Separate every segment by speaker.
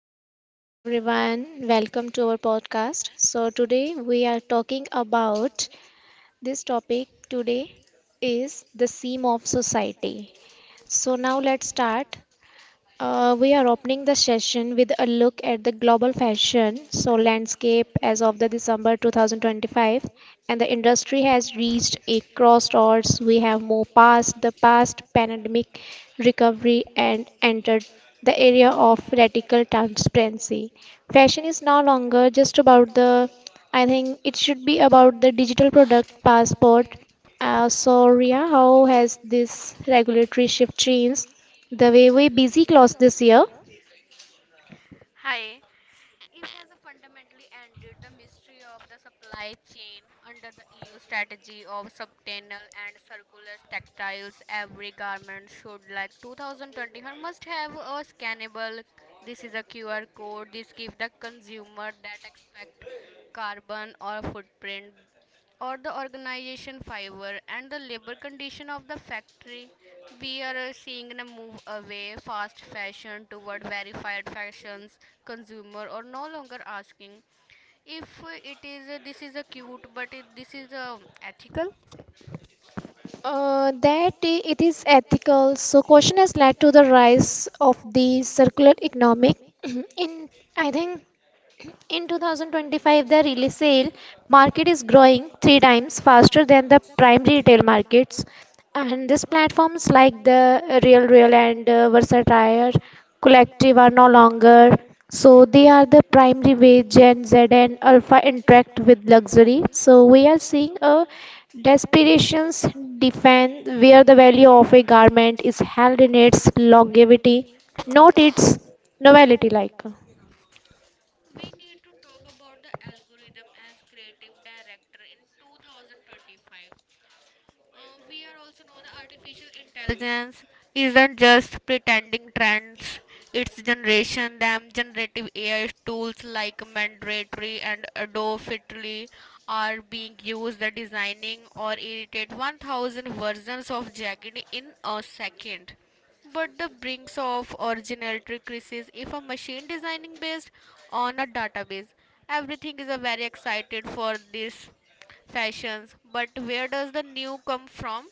Speaker 1: So, hello everyone, welcome to our podcast. So, today we are talking about this topic today is the seam of society. So, now let's start. We are opening the session with a look at the global fashion so landscape as of the December 2025, and the industry has reached a crossroads. We have moved past the past pandemic recovery and entered the area of radical transparency. Fashion is no longer just about the I think it should be about the digital product passport. So Ria, how has this regulatory shift changed the way we busy clause this year?
Speaker 2: Hi. It has fundamentally ended the mystery of the supply chain under the EU strategy of subtenal and circular textiles. Every garment should, like 2021, must have a scannable. This is a QR code. This gives the consumer that expect carbon or footprint or the organization fiber and the labor condition of the factory. We are seeing a move away fast fashion toward verified fashions. Consumer or no longer asking if it is this is a cute but this is ethical.
Speaker 1: It is ethical. So, question has led to the rise of the circular economic. In I think In 2025, the resale market is growing three times faster than the primary retail markets, and these platforms like the Real Real and Versatire Collective are no longer. So they are the primary way Gen Z and Alpha interact with luxury. So we are seeing a desperations defense where the value of a garment is held in its longevity, not its novelty like.
Speaker 2: We need to talk about the algorithm as creative director in 2025. We are also know that artificial intelligence isn't just pretending trends. It's generation them generative AI tools like Mandratory and Adobe Fitly are being used at designing or irritate 1,000 versions of Jagged in a second, but the brings of originality crisis if a machine designing based on a database, everything is a very excited for these fashions, but where does the new come from?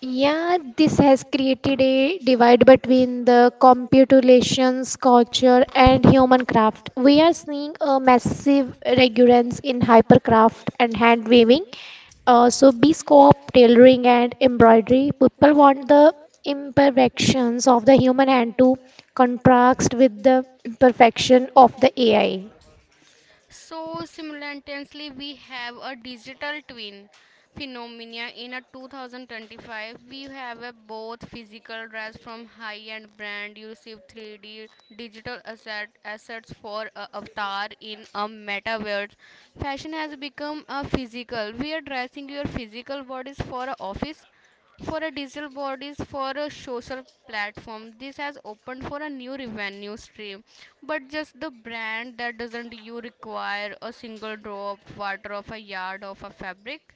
Speaker 1: Yeah, this has created a divide between the computations culture and human craft. We are seeing a massive recurrence in hypercraft and hand weaving. So bespoke tailoring and embroidery. People want the imperfections of the human hand to contrast with the perfection of the AI.
Speaker 2: So simultaneously, we have a digital twin phenomena in a 2025. We have a both physical dress from high-end brand. You receive 3D digital assets for a avatar in a metaverse. Fashion has become a physical. We are dressing your physical bodies for a office, for a digital bodies for a social platform. This has opened for a new revenue stream, but just the brand that doesn't you require a single drop water of a yard of a fabric.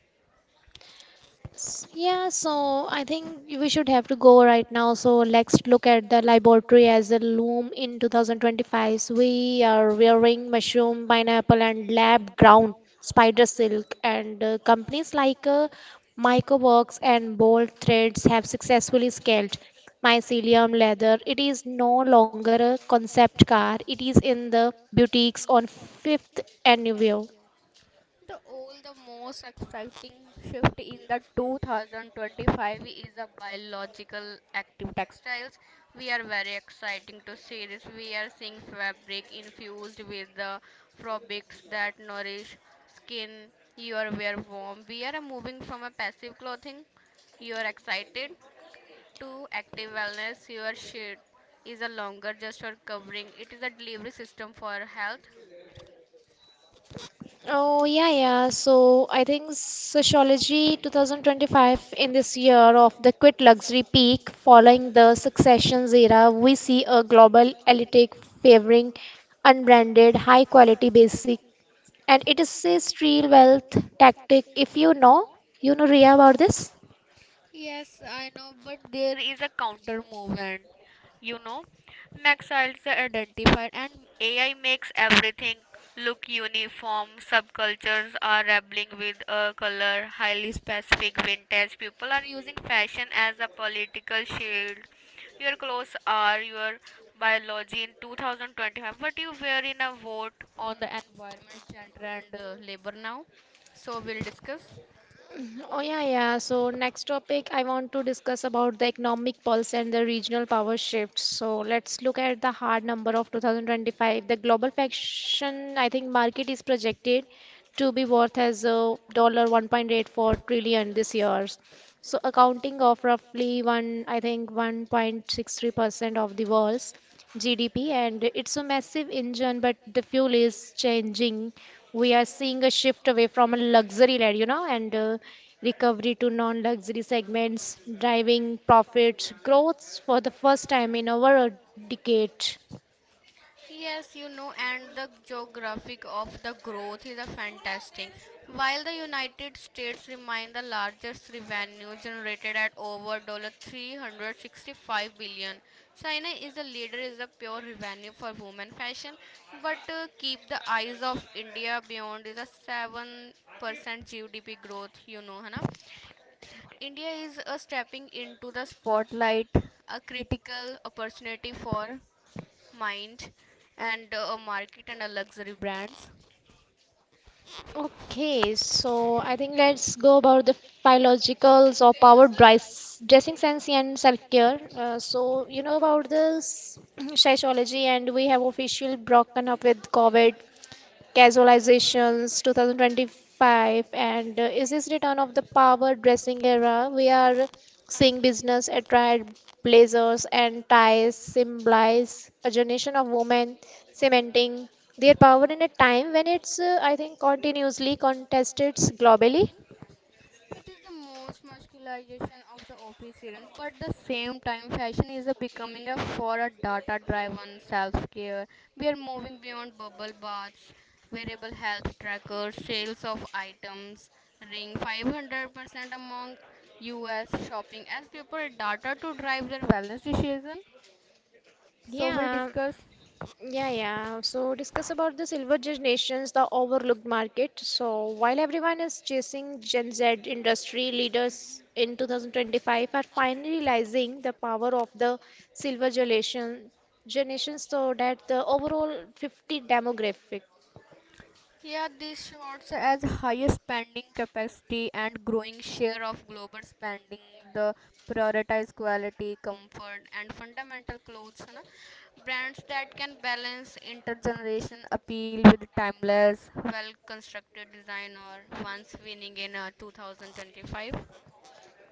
Speaker 1: Yeah, so I think we should have to go right now. So let's look at the laboratory as a loom in 2025. We are wearing mushroom, pineapple, and lab ground spider silk, and companies like Microworks and Bolt Threads have successfully scaled mycelium leather. It is no longer a concept car. It is in the boutiques on Fifth Avenue.
Speaker 2: The most exciting shift in the 2025 is the biological active textiles. We are very exciting to see this. We are seeing fabric infused with the fabrics that nourish skin. You are very warm. We are moving from a passive clothing. You are excited to active wellness. Your shit is a longer just for covering. It is a delivery system for health.
Speaker 1: Oh, yeah, yeah. So I think Sociology 2025 in this year of the quit luxury peak following the successions era, we see a global elite favoring unbranded, high quality basic. And it is a street wealth tactic. If you know, you know Ria about this?
Speaker 2: Yes, I know, but there is a counter movement. You know, Naxalites are identified, and AI makes everything look uniform. Subcultures are rebelling with a color, highly specific vintage. People are using fashion as a political shield. Your clothes are your biology in 2025. What you wear in a vote on the environment, gender, and labor now. So we'll discuss.
Speaker 1: Oh yeah, yeah. So next topic I want to discuss about the economic pulse and the regional power shift. So let's look at the hard number of 2025. The global fashion, I think, market is projected to be worth as a dollar 1.84 trillion this year. So accounting of roughly one, I think 1.63% of the world's GDP, and it's a massive engine, but the fuel is changing. We are seeing a shift away from a luxury led, you know, and recovery to non-luxury segments, driving profits growths for the first time in over a decade.
Speaker 2: Yes, and the geographic of the growth is a fantastic. While the United States remain the largest revenue generated at over $365. China is the leader is a pure revenue for women fashion, but keep the eyes of India beyond is a 7% GDP growth, Hana, India is stepping into the spotlight, a critical opportunity for mind and a market and a luxury brands.
Speaker 1: Okay, so I think let's go about the biologicals of our dress, dressing sense and self-care. So you know about this psychology, and we have officially broken up with COVID. Casualizations 2025 and is this return of the power dressing era? We are seeing business attire blazers and ties symbolize a generation of women cementing their power in a time when I think, continuously contested globally.
Speaker 2: It is the most masculinization of the OP serum, but the same time, fashion is a becoming a for a data-driven self-care. We are moving beyond bubble baths, wearable health trackers, sales of items, ring 500% among U.S. shopping as people data to drive their wellness decision. So we'll
Speaker 1: Yeah.
Speaker 2: discuss.
Speaker 1: Yeah, yeah. So discuss about the silver generations, the overlooked market. So while everyone is chasing Gen Z, industry leaders in 2025 are finally realizing the power of the silver generation so that the overall 50 demographic.
Speaker 2: Yeah, this shows as higher spending capacity and growing share of global spending, the prioritize quality, comfort, and fundamental clothes. Na. Brands that can balance intergeneration appeal with timeless, well constructed design or once winning in 2025.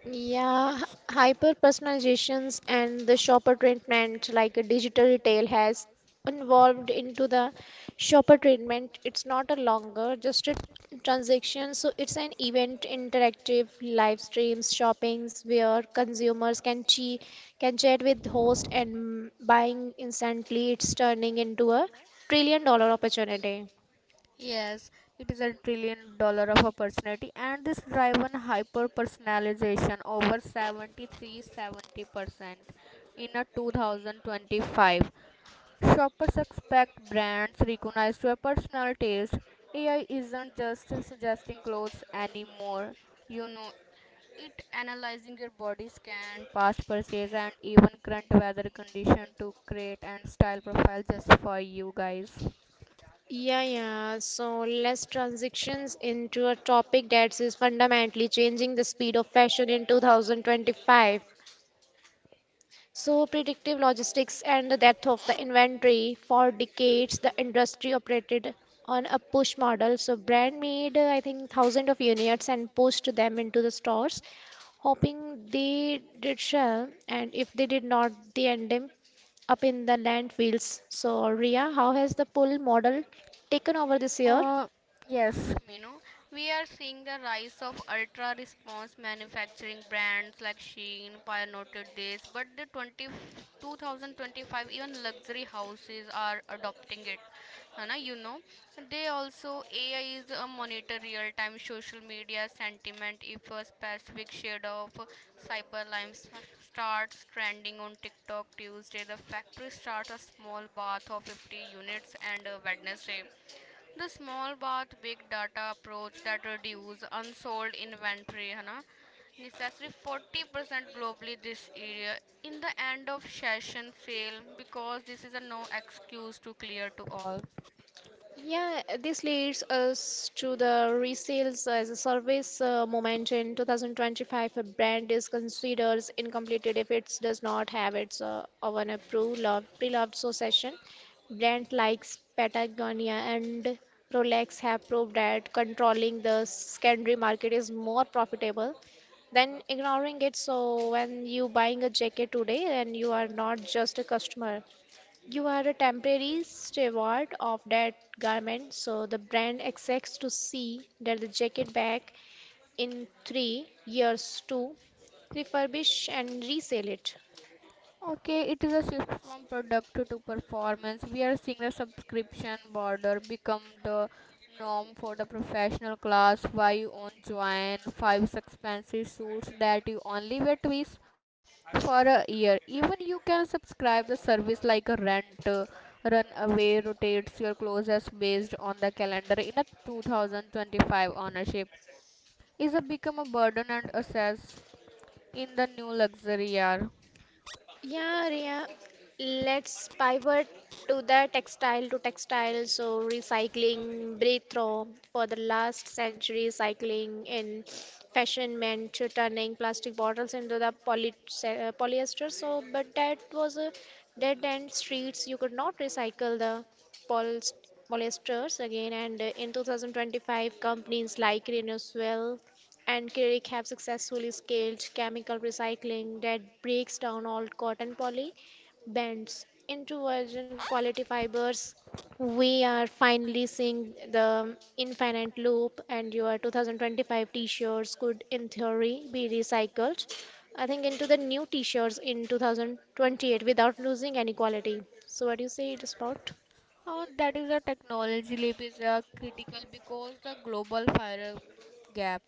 Speaker 1: Yeah, hyper personalizations and the shopper treatment, like a digital retail, has evolved into the shopper treatment. It's not a longer just a transaction, so it's an event, interactive live streams, shoppings where consumers can chat with host and buying instantly. It's turning into a trillion dollar opportunity.
Speaker 2: Yes, it is $1 trillion of opportunity, and this driven hyper personalization over seventy three seventy percent in a 2025. Shoppers expect brands recognized to a personal taste. AI isn't just suggesting clothes anymore, you know, it analyzing your body scan, past purchase, and even current weather condition to create and style profile just for you guys.
Speaker 1: Yeah, yeah. So let's transitions into a topic that is fundamentally changing the speed of fashion in 2025. So predictive logistics and the death of the inventory. For decades, the industry operated on a push model. So brand made, I think, thousands of units and pushed them into the stores, hoping they did sell. And if they did not, they end up up in the landfills. So Ria, how has the pull model taken over this year?
Speaker 2: Uh, yes. We are seeing the rise of ultra response manufacturing brands like Shein pioneered this, but the 20 2025 even luxury houses are adopting it. Hana, they also AI is a monitor real time social media sentiment if a specific shade of cyberlime starts trending on TikTok Tuesday, the factory starts a small bath of 50 units and a Wednesday, the small but big data approach that reduce unsold inventory है ना necessary 40% globally this area in the end of session sale because this is a no excuse to clear to all.
Speaker 1: Yeah, this leads us to the resales as a service moment in 2025. A brand is considered incomplete if it does not have its own approved loved, pre-loved succession. Brands like Patagonia and Rolex have proved that controlling the secondary market is more profitable than ignoring it. So when you buying a jacket today, and you are not just a customer, you are a temporary steward of that garment, so the brand expects to see that the jacket back in 3 years to refurbish and resell it.
Speaker 2: Okay, it is a shift from product to performance. We are seeing the subscription border become the norm for the professional class. Why you own join five expensive suits that you only wear twice for a year. Even you can subscribe the service like a rent. Run away rotates your clothes based on the calendar in a 2025. Ownership is a become a burden and assess in the new luxury year.
Speaker 1: Yeah, Ria, let's pivot to the textile to textile. So, recycling breakthrough for the last century, cycling in fashion meant to turning plastic bottles into the polyester. So, but that was a dead end streets. You could not recycle the polyst- polyesters again. And in 2025, companies like Renewal and Kirk have successfully scaled chemical recycling that breaks down old cotton poly bands into virgin quality fibers. We are finally seeing the infinite loop, and your 2025 t shirts could, in theory, be recycled. I think into the new t shirts in 2028 without losing any quality. So, what do you say it is about?
Speaker 2: That is a technology leap is critical because the global fire gap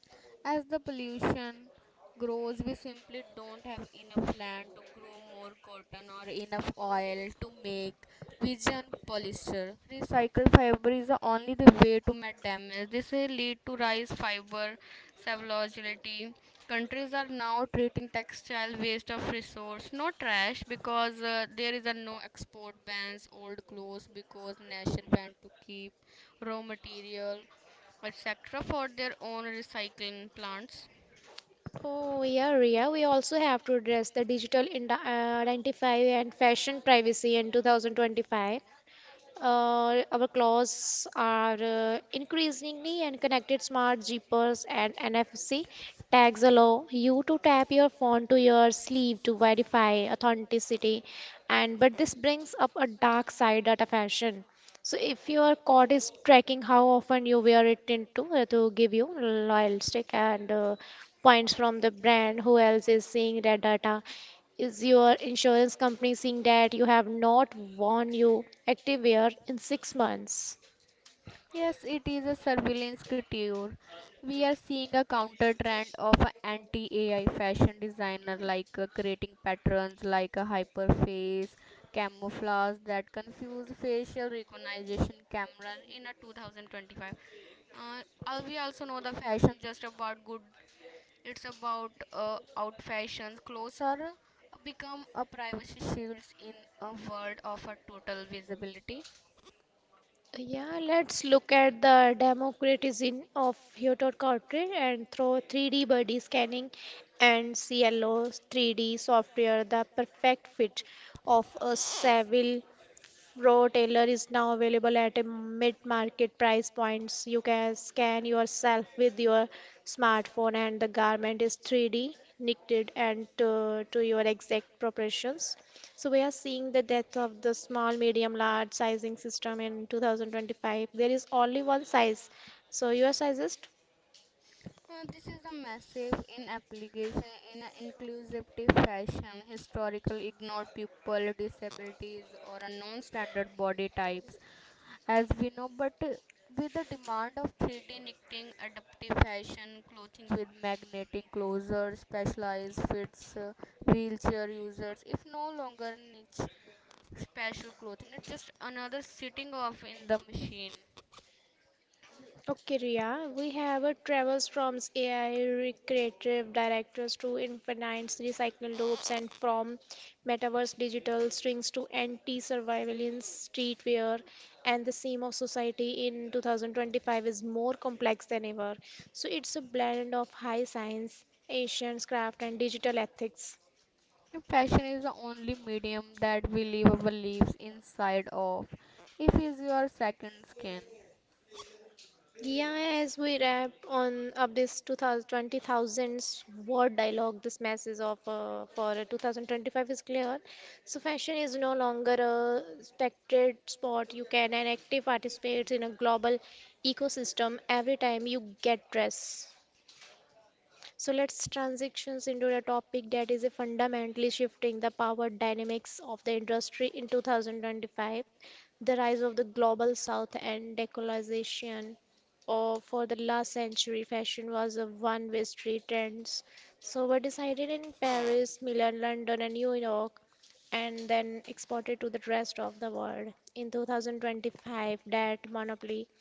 Speaker 2: as the pollution grows, we simply don't have enough land to grow more cotton or enough oil to make vision polyester. Recycled fiber is the only the way to make damage. This will lead to rise fiber savagility. Countries are now treating textile waste of resource no trash because there is a no export bans old clothes because nation want to keep raw material etc for their own recycling plants.
Speaker 1: Oh, yeah, Ria. We also have to address the identify and fashion privacy in 2025. Our claws are increasingly and connected smart jeepers and NFC tags allow you to tap your phone to your sleeve to verify authenticity and but this brings up a dark side at a fashion. So if your cord is tracking how often you wear it into to give you loyal stick and points from the brand, who else is seeing that data? Is your insurance company seeing that you have not worn your Activewear in 6 months?
Speaker 2: Yes, it is a surveillance couture. We are seeing a counter trend of anti-AI fashion designer like creating patterns like a hyperface camouflage that confuse facial recognition cameras in a 2025. We also know the fashion just about good. It's about out fashions. Clothes are become a privacy shields in a world of a total visibility.
Speaker 1: Yeah, let's look at the democratization of Hyotot Corporate, and through 3D body scanning and CLO 3D software, the perfect fit of a civil Pro Tailor is now available at a mid-market price points. You can scan yourself with your smartphone and the garment is 3D knitted and to your exact proportions. So we are seeing the death of the small, medium, large sizing system in 2025. There is only one size. So your sizes
Speaker 2: This is a massive in application in an inclusive fashion. Historical ignored people, disabilities, or a non-standard body types, as we know. But with the demand of 3D knitting, adaptive fashion, clothing with magnetic closure, specialized fits, wheelchair users, if no longer niche special clothing, it's just another sitting off in the machine.
Speaker 1: Okay, Ria, we have a travels from AI recreative directors to infinite recycle loops and from metaverse digital strings to anti-surveillance streetwear, and the theme of society in 2025 is more complex than ever. So it's a blend of high science, ancient craft and digital ethics.
Speaker 2: Fashion is the only medium that we live our lives inside of. If is your second skin.
Speaker 1: Yeah, as we wrap on up this 2000 word dialogue, this message of for 2025 is clear. So fashion is no longer a spectated sport. You can an active participate in a global ecosystem every time you get dressed. So let's transitions into the topic that is a fundamentally shifting the power dynamics of the industry in 2025, the rise of the global south and decolonization. Or for the last century, fashion was a one-way street trends. So were decided in Paris, Milan, London, and New York, and then exported to the rest of the world. In 2025, that monopoly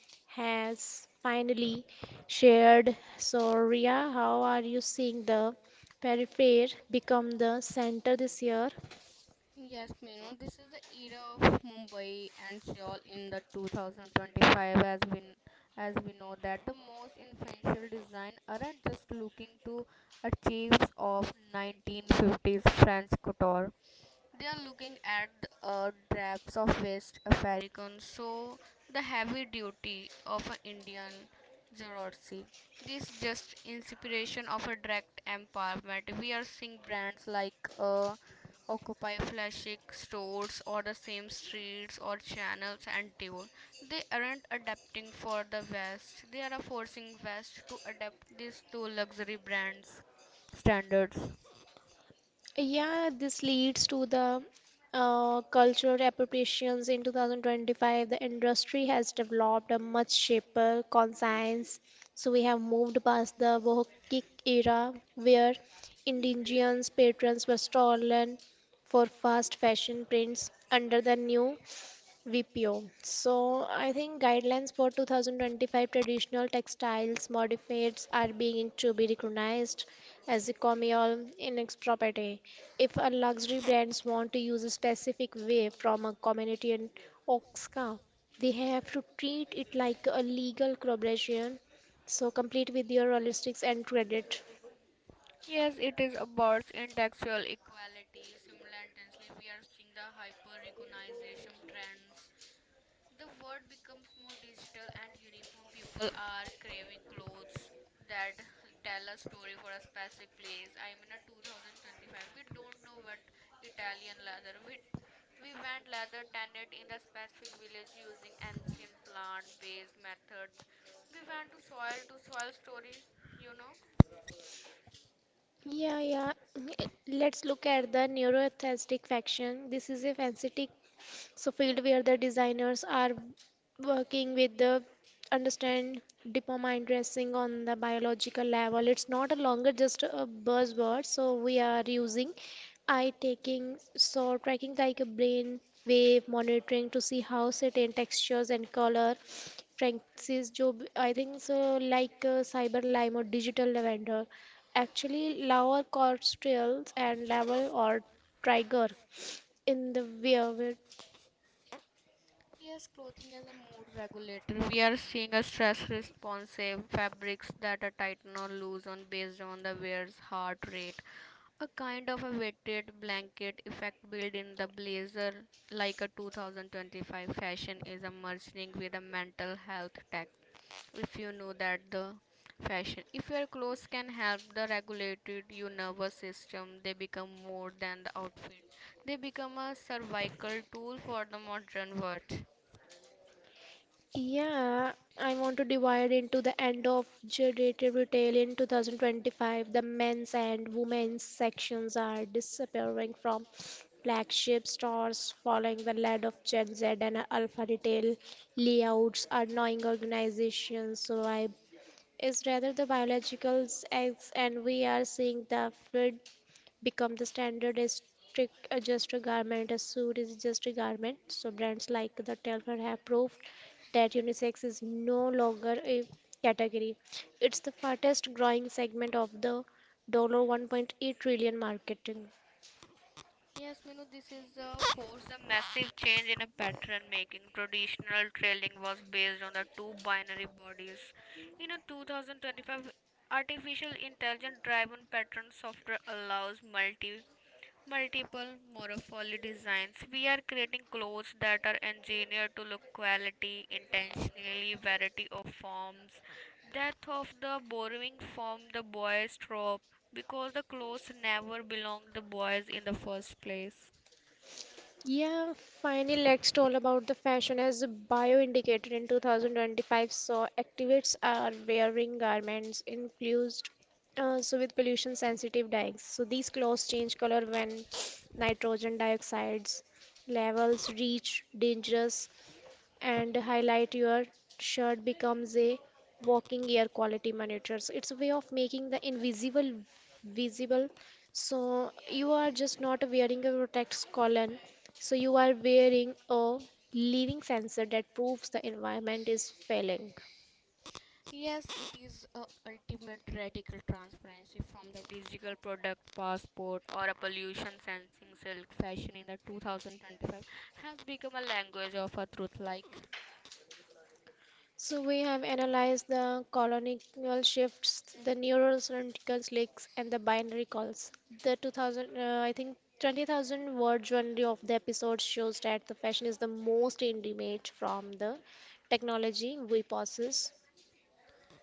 Speaker 1: has finally shared. So, Ria, how are you seeing the periphery become the center this year?
Speaker 2: Yes, Minu, this is the era of Mumbai and Seoul in the 2025, as we know that the most influential design aren't just looking to achieves of 1950s French couture. They are looking at the drapes of West African, so the heavy duty of an Indian Zorotsi. This just inspiration of a direct empowerment. We are seeing brands like uh, occupy flashing stores or the same streets or channels and tour. They aren't adapting for the West. They are forcing West to adapt this to luxury brands standards.
Speaker 1: Yeah, this leads to the cultural appropriations in 2025. The industry has developed a much sharper conscience. So we have moved past the Bohkic era where indigenous patrons were stolen for fast fashion prints under the new VPO. So I think guidelines for 2025 traditional textiles modifieds are being to be recognized as economy or inex property. If a luxury brands want to use a specific wave from a community in oxka, they have to treat it like a legal collaboration. So complete with your holistics and credit.
Speaker 2: Yes, it is about intellectual equality. Simultaneously, we are seeing the hyper-recognition trends. The world becomes more digital and uniform. People are craving clothes that tell a story for a specific place. I mean, a 2025, we don't know what Italian leather. We went leather tanned in the specific village using ancient plant-based methods. We went to soil story, you know.
Speaker 1: Yeah, yeah. Mm, let's look at the neuroaesthetic faction. This is a facetic so field where the designers are working with the understand dopamine dressing on the biological level. It's not a longer just a buzzword. So we are using eye taking so tracking like a brain wave monitoring to see how certain textures and color francis job I think so like cyber lime or digital lavender actually lower cortical and level or trigger in the weaver.
Speaker 2: Yes, clothing as a mood regulator. We are seeing a stress responsive fabrics that are tighten or loose on based on the wearer's heart rate. A kind of a weighted blanket effect built in the blazer like a 2025 fashion is emerging with a mental health tech. If you know that the fashion if your clothes can help the regulated your nervous system, they become more than the outfit, they become a cervical tool for the modern world.
Speaker 1: Yeah, I want to divide into the end of generative retail in 2025. The men's and women's sections are disappearing from flagship stores following the lead of Gen Z and Alpha retail layouts are knowing organizations. So I is rather the biologicals eggs, and we are seeing the become the standard as strict just a garment a suit is just a garment. So brands like the Telfar have proved that unisex is no longer a category. It's the fastest growing segment of the dollar 1.8 trillion market.
Speaker 2: Yes, Minu, this is forced a massive change in a pattern making. Traditional trailing was based on the two binary bodies. In a 2025, artificial intelligence driven pattern software allows multiple morphology designs. We are creating clothes that are engineered to look quality, intentionally variety of forms. Death of the borrowing from the boys trope because the clothes never belonged the boys in the first place.
Speaker 1: Yeah, finally, let's talk about the fashion as a bioindicator in 2025. So, activists are wearing garments infused with pollution sensitive dyes. So, these clothes change color when nitrogen dioxide's levels reach dangerous and highlight your shirt becomes a walking air quality monitors. It's a way of making the invisible visible. So you are just not wearing a protect colon, so you are wearing a living sensor that proves the environment is failing.
Speaker 2: Yes, it is a ultimate radical transparency from the digital product passport or a pollution sensing silk fashion in the 2025 has become a language of a truth like.
Speaker 1: So we have analyzed the colonial shifts, the neural syntax leaks, and the binary calls. The 2000, I think 20,000 word journey of the episode shows that the fashion is the most intimate from the technology we possess.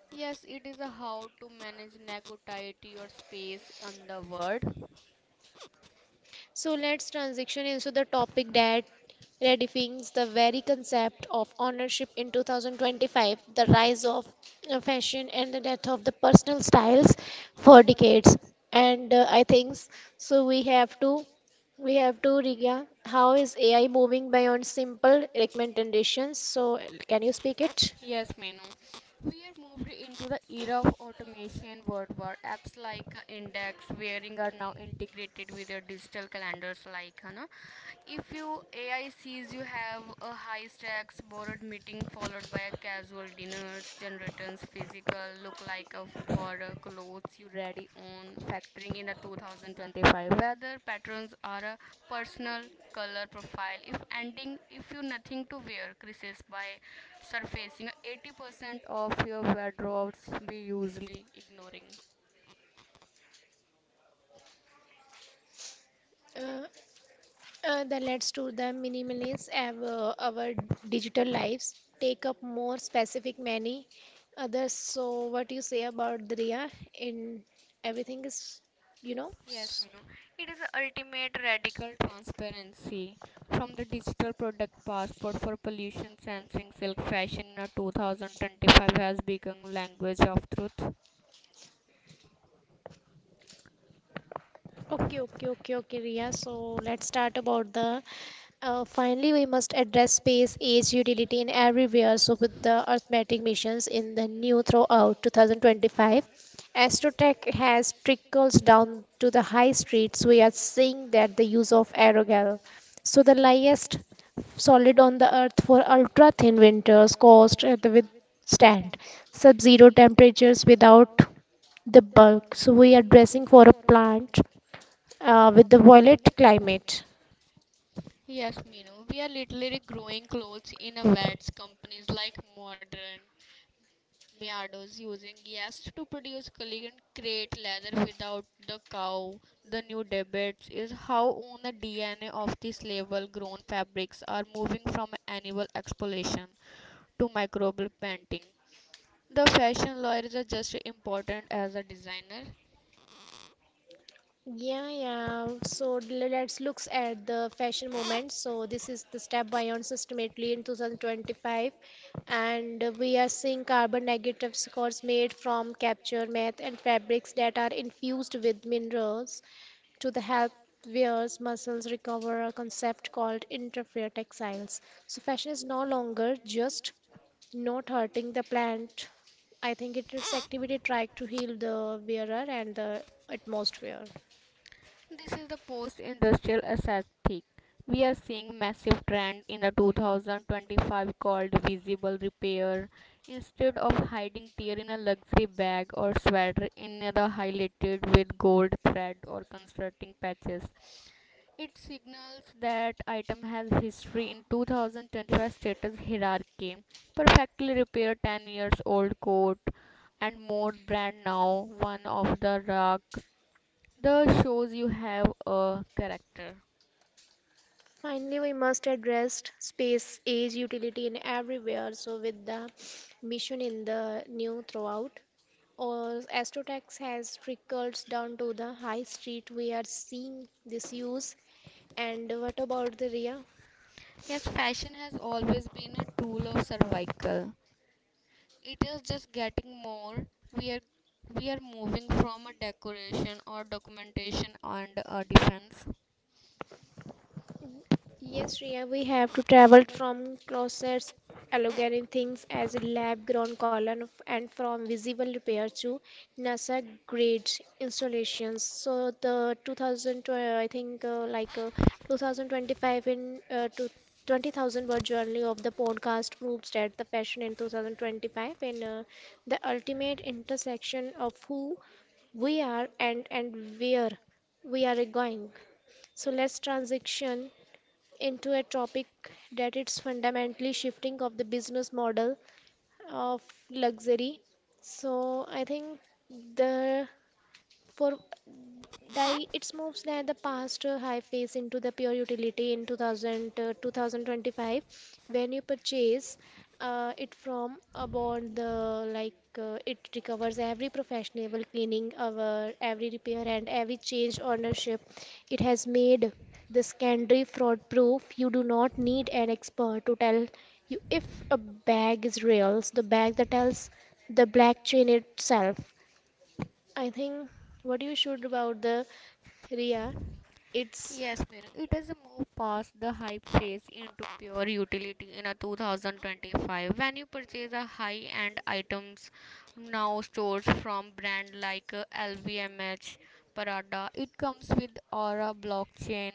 Speaker 2: Yes, it is a how to manage negativity or space on the word.
Speaker 1: So let's transition into the topic that redefines the very concept of ownership in 2025, the rise of fashion and the death of the personal styles for decades. And I think s- So, we have to Riya, how is AI moving beyond simple recommendations? So can you speak it?
Speaker 2: Yes, Menu. We are moved into the era of automation worldwide. Apps like Index, Wearing are now integrated with your digital calendars like Hana. If you AI sees you have a high stakes borrowed meeting followed by a casual dinners, generators, physical, look like a for clothes you ready on factoring in the 2025 weather patterns are personal color profile if ending if you nothing to wear creases by surfacing 80% of your wardrobes we usually ignoring.
Speaker 1: The let's to the minimalists of our digital lives take up more specific many others. So what do you say about the Riya in everything is you know
Speaker 2: Yes,
Speaker 1: s-
Speaker 2: it is a ultimate radical transparency from the digital product passport for pollution censoring silk fashion in a 2025 has become language of truth.
Speaker 1: okay, okay, okay, okay, Riya. So let's start about the finally, we must address space age utility in everywhere. So, with the arithmetic missions in the new throughout 2025, Astrotech has trickles down to the high streets. We are seeing that the use of aerogel, so the lightest solid on the earth for ultra thin winters, caused the withstand sub zero temperatures without the bulk. So, we are dressing for a plant with the violet climate.
Speaker 2: Yes, Minu. We are literally growing clothes in a vats companies like Modern Meadows using yeast to produce collegiate great leather without the cow. The new debate is how on the DNA of these label grown fabrics are moving from animal exploitation to microbial painting. The fashion lawyer is just as important as a designer.
Speaker 1: Yeah, yeah. So let's look at the fashion movement. So this is the step beyond systematically in 2025, and we are seeing carbon negative scores made from capture meth and fabrics that are infused with minerals to the help wearers muscles recover, a concept called interfere textiles. So fashion is no longer just not hurting the plant. I think it, its activity tried to heal the wearer and the atmosphere.
Speaker 2: This is the post-industrial aesthetic. We are seeing massive trend in the 2025 called visible repair. Instead of hiding tear in a luxury bag or sweater, another highlighted with gold thread or constructing patches. It signals that item has history in 2025 status hierarchy. Perfectly repaired 10 years old coat and more brand now one of the rock the shows you have a character.
Speaker 1: Finally, we must address space, age, utility in everywhere. So, with the mission in the new throughout, or Astrotex has trickled down to the high street. We are seeing this use. And what about the Ria?
Speaker 2: Yes, fashion has always been a tool of survival. It is just getting more. We are we are moving from a decoration or documentation and a defense.
Speaker 1: Yes, Shreya, we have to travel from closets, algorithm things as a lab grown column and from visible repair to NASA grade installations. So the 2000, I think 2025 in to 20,000 word journey of the podcast proves that the fashion in 2025 in the ultimate intersection of who we are and where we are going. So let's transition into a topic that it's fundamentally shifting of the business model of luxury. So I think the for die it's moves that the past high phase into the pure utility in 2000 2025. When you purchase it from a bond the like it recovers every professional cleaning our every repair and every change ownership it has made the secondary fraud proof. You do not need an expert to tell you if a bag is real, the bag that tells the black chain itself. I think what you should about the RIA, it's
Speaker 2: Yes, Miran, it has moved past the hype phase into pure utility in a 2025. When you purchase a high-end items, now stores from brand like LVMH, Prada, it comes with Aura blockchain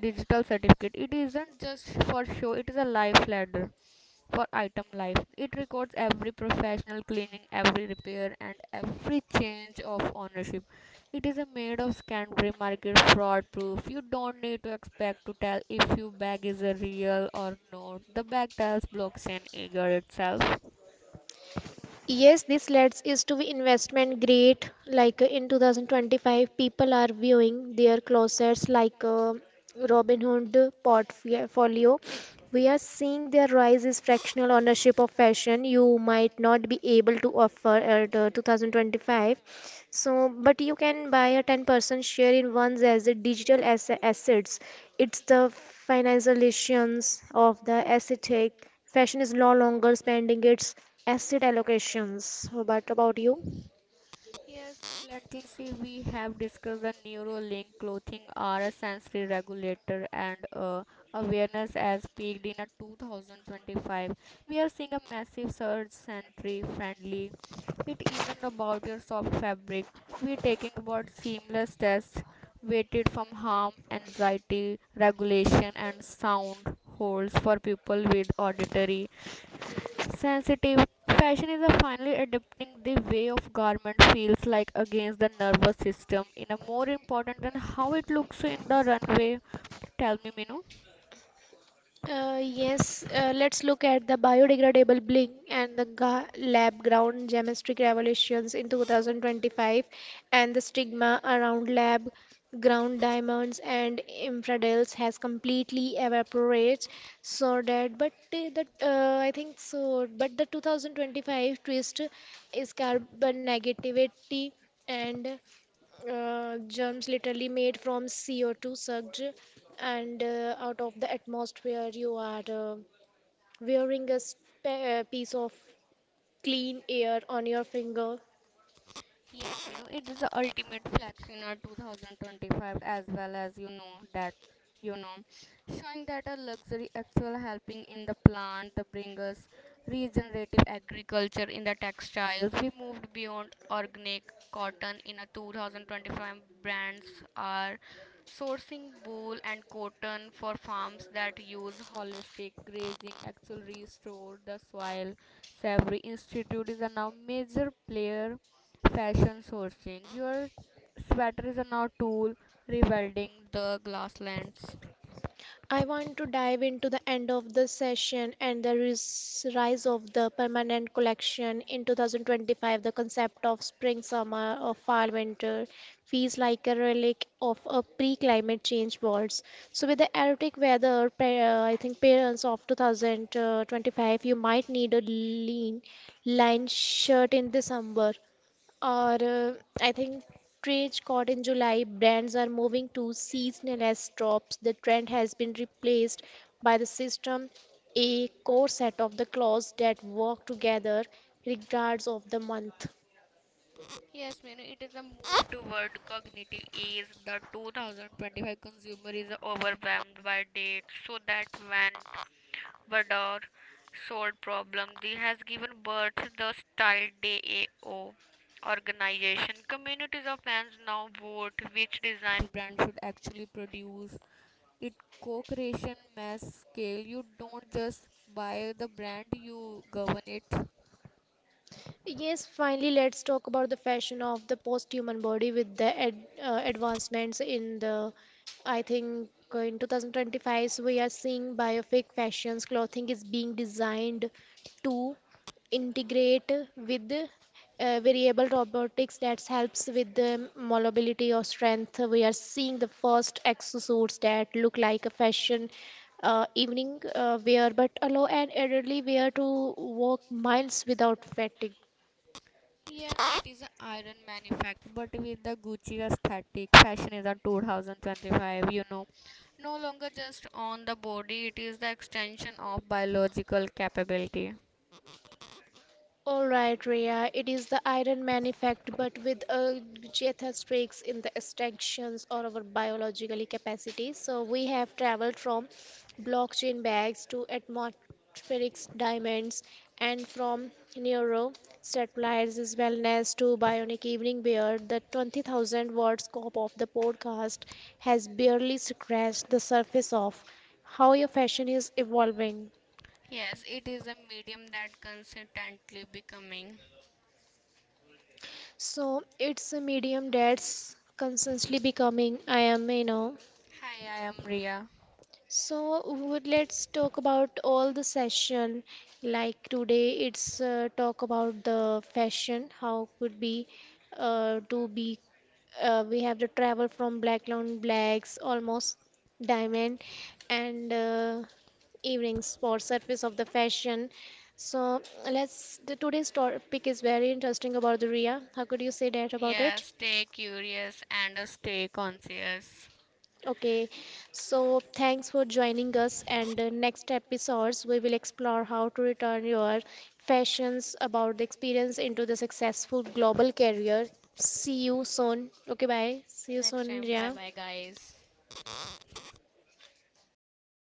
Speaker 2: digital certificate. It isn't just for show; it is a life ladder for item life. It records every professional cleaning, every repair, and every change of ownership. It is a made of Canterbury market fraud proof. You don't need to expect to tell if your bag is a real or not. The bag tells blockchain eager itself.
Speaker 1: Yes, this leads is to be investment grade. Like in 2025, people are viewing their closets like Robinhood portfolio. We are seeing their rise is fractional ownership of fashion. You might not be able to offer at 2025. So, but you can buy a 10% share in one's as asset, digital asset, assets. It's the financializations of the asset take. Fashion is no longer spending its asset allocations. So, But about you?
Speaker 2: Yes, let's see. We have discussed the neurolink clothing are a sensory regulator and awareness as peaked in a 2025. We are seeing a massive surge sensory friendly. It isn't about your soft fabric. We're talking about seamless tests weighted from harm, anxiety, regulation, and sound holes for people with auditory sensitive. Fashion is a finally adapting the way of garment feels like against the nervous system in a more important than how it looks in the runway. Tell me, Minu.
Speaker 1: Yes, let's look at the biodegradable bling and the lab grown gemistry revelations in 2025 and the stigma around lab ground diamonds and infradels has completely evaporated. So that, but that I think so. But the 2025 twist is carbon negativity and germs literally made from CO2 sucked and out of the atmosphere. You are wearing a piece of clean air on your finger.
Speaker 2: Yeah, it is the ultimate flex in our 2025 as well as you know that you know showing that a luxury actual helping in the plant the bringers regenerative agriculture in the textiles we moved beyond organic cotton in a 2025 brands are sourcing wool and cotton for farms that use holistic grazing actually restore the soil. Savory institute is a now major player. Fashion sourcing. Your sweater is now tool rebuilding the glasslands.
Speaker 1: I want to dive into the end of the session and the rise of the permanent collection in 2025. The concept of spring, summer, or fall, winter feels like a relic of a pre-climate change world. So, with the erratic weather, I think parents of 2025, you might need a lean line shirt in December or I think trades caught in July. Brands are moving to seasonal as drops. The trend has been replaced by the system, a core set of the clothes that work together regardless of the month.
Speaker 2: Yes, Manu, it is a move toward cognitive ease. The 2025 consumer is overwhelmed by debt, so that when Vador sold problem, they has given birth to the style DAO organization. Communities of fans now vote which design brand should actually produce it, co-creation mass scale. You don't just buy the brand, you govern it.
Speaker 1: Yes, finally, let's talk about the fashion of the post-human body with the advancements in the, I think, in 2025, so we are seeing biopic fashions. Clothing is being designed to integrate with variable robotics that helps with the mobility or strength. We are seeing the first exosuits that look like a fashion evening wear, but allow an elderly wear to walk miles without fatigue.
Speaker 2: Yes, it is an iron manufactured but with the gucci aesthetic fashion is a 2025, no longer just on the body, it is the extension of biological capability.
Speaker 1: All right, Rhea, it is the Iron Man effect, but with a geothestrics in the extinctions or our biologically capacity. So we have traveled from blockchain bags to atmospheric diamonds and from neuro satellites as wellness to bionic evening beer. The 20,000 word scope of the podcast has barely scratched the surface of how your fashion is evolving.
Speaker 2: Yes, it is a medium that consistently becoming.
Speaker 1: So it's a medium that's constantly becoming. I am, you know.
Speaker 2: Hi, I am Ria.
Speaker 1: So would let's talk about all the session. Like today, it's talk about the fashion. How could be to be. We have the travel from black on blacks, almost diamond, and evening sports surface of the fashion. So let's the today's topic is very interesting about the Ria. How could you say that about it?
Speaker 2: Yes, stay curious and stay conscious.
Speaker 1: Okay, so thanks for joining us. And next episodes, we will explore how to return your fashions about the experience into the successful global career. See you soon. Okay, bye. See you
Speaker 2: Next
Speaker 1: soon,
Speaker 2: time, bye
Speaker 1: yeah.
Speaker 2: bye guys.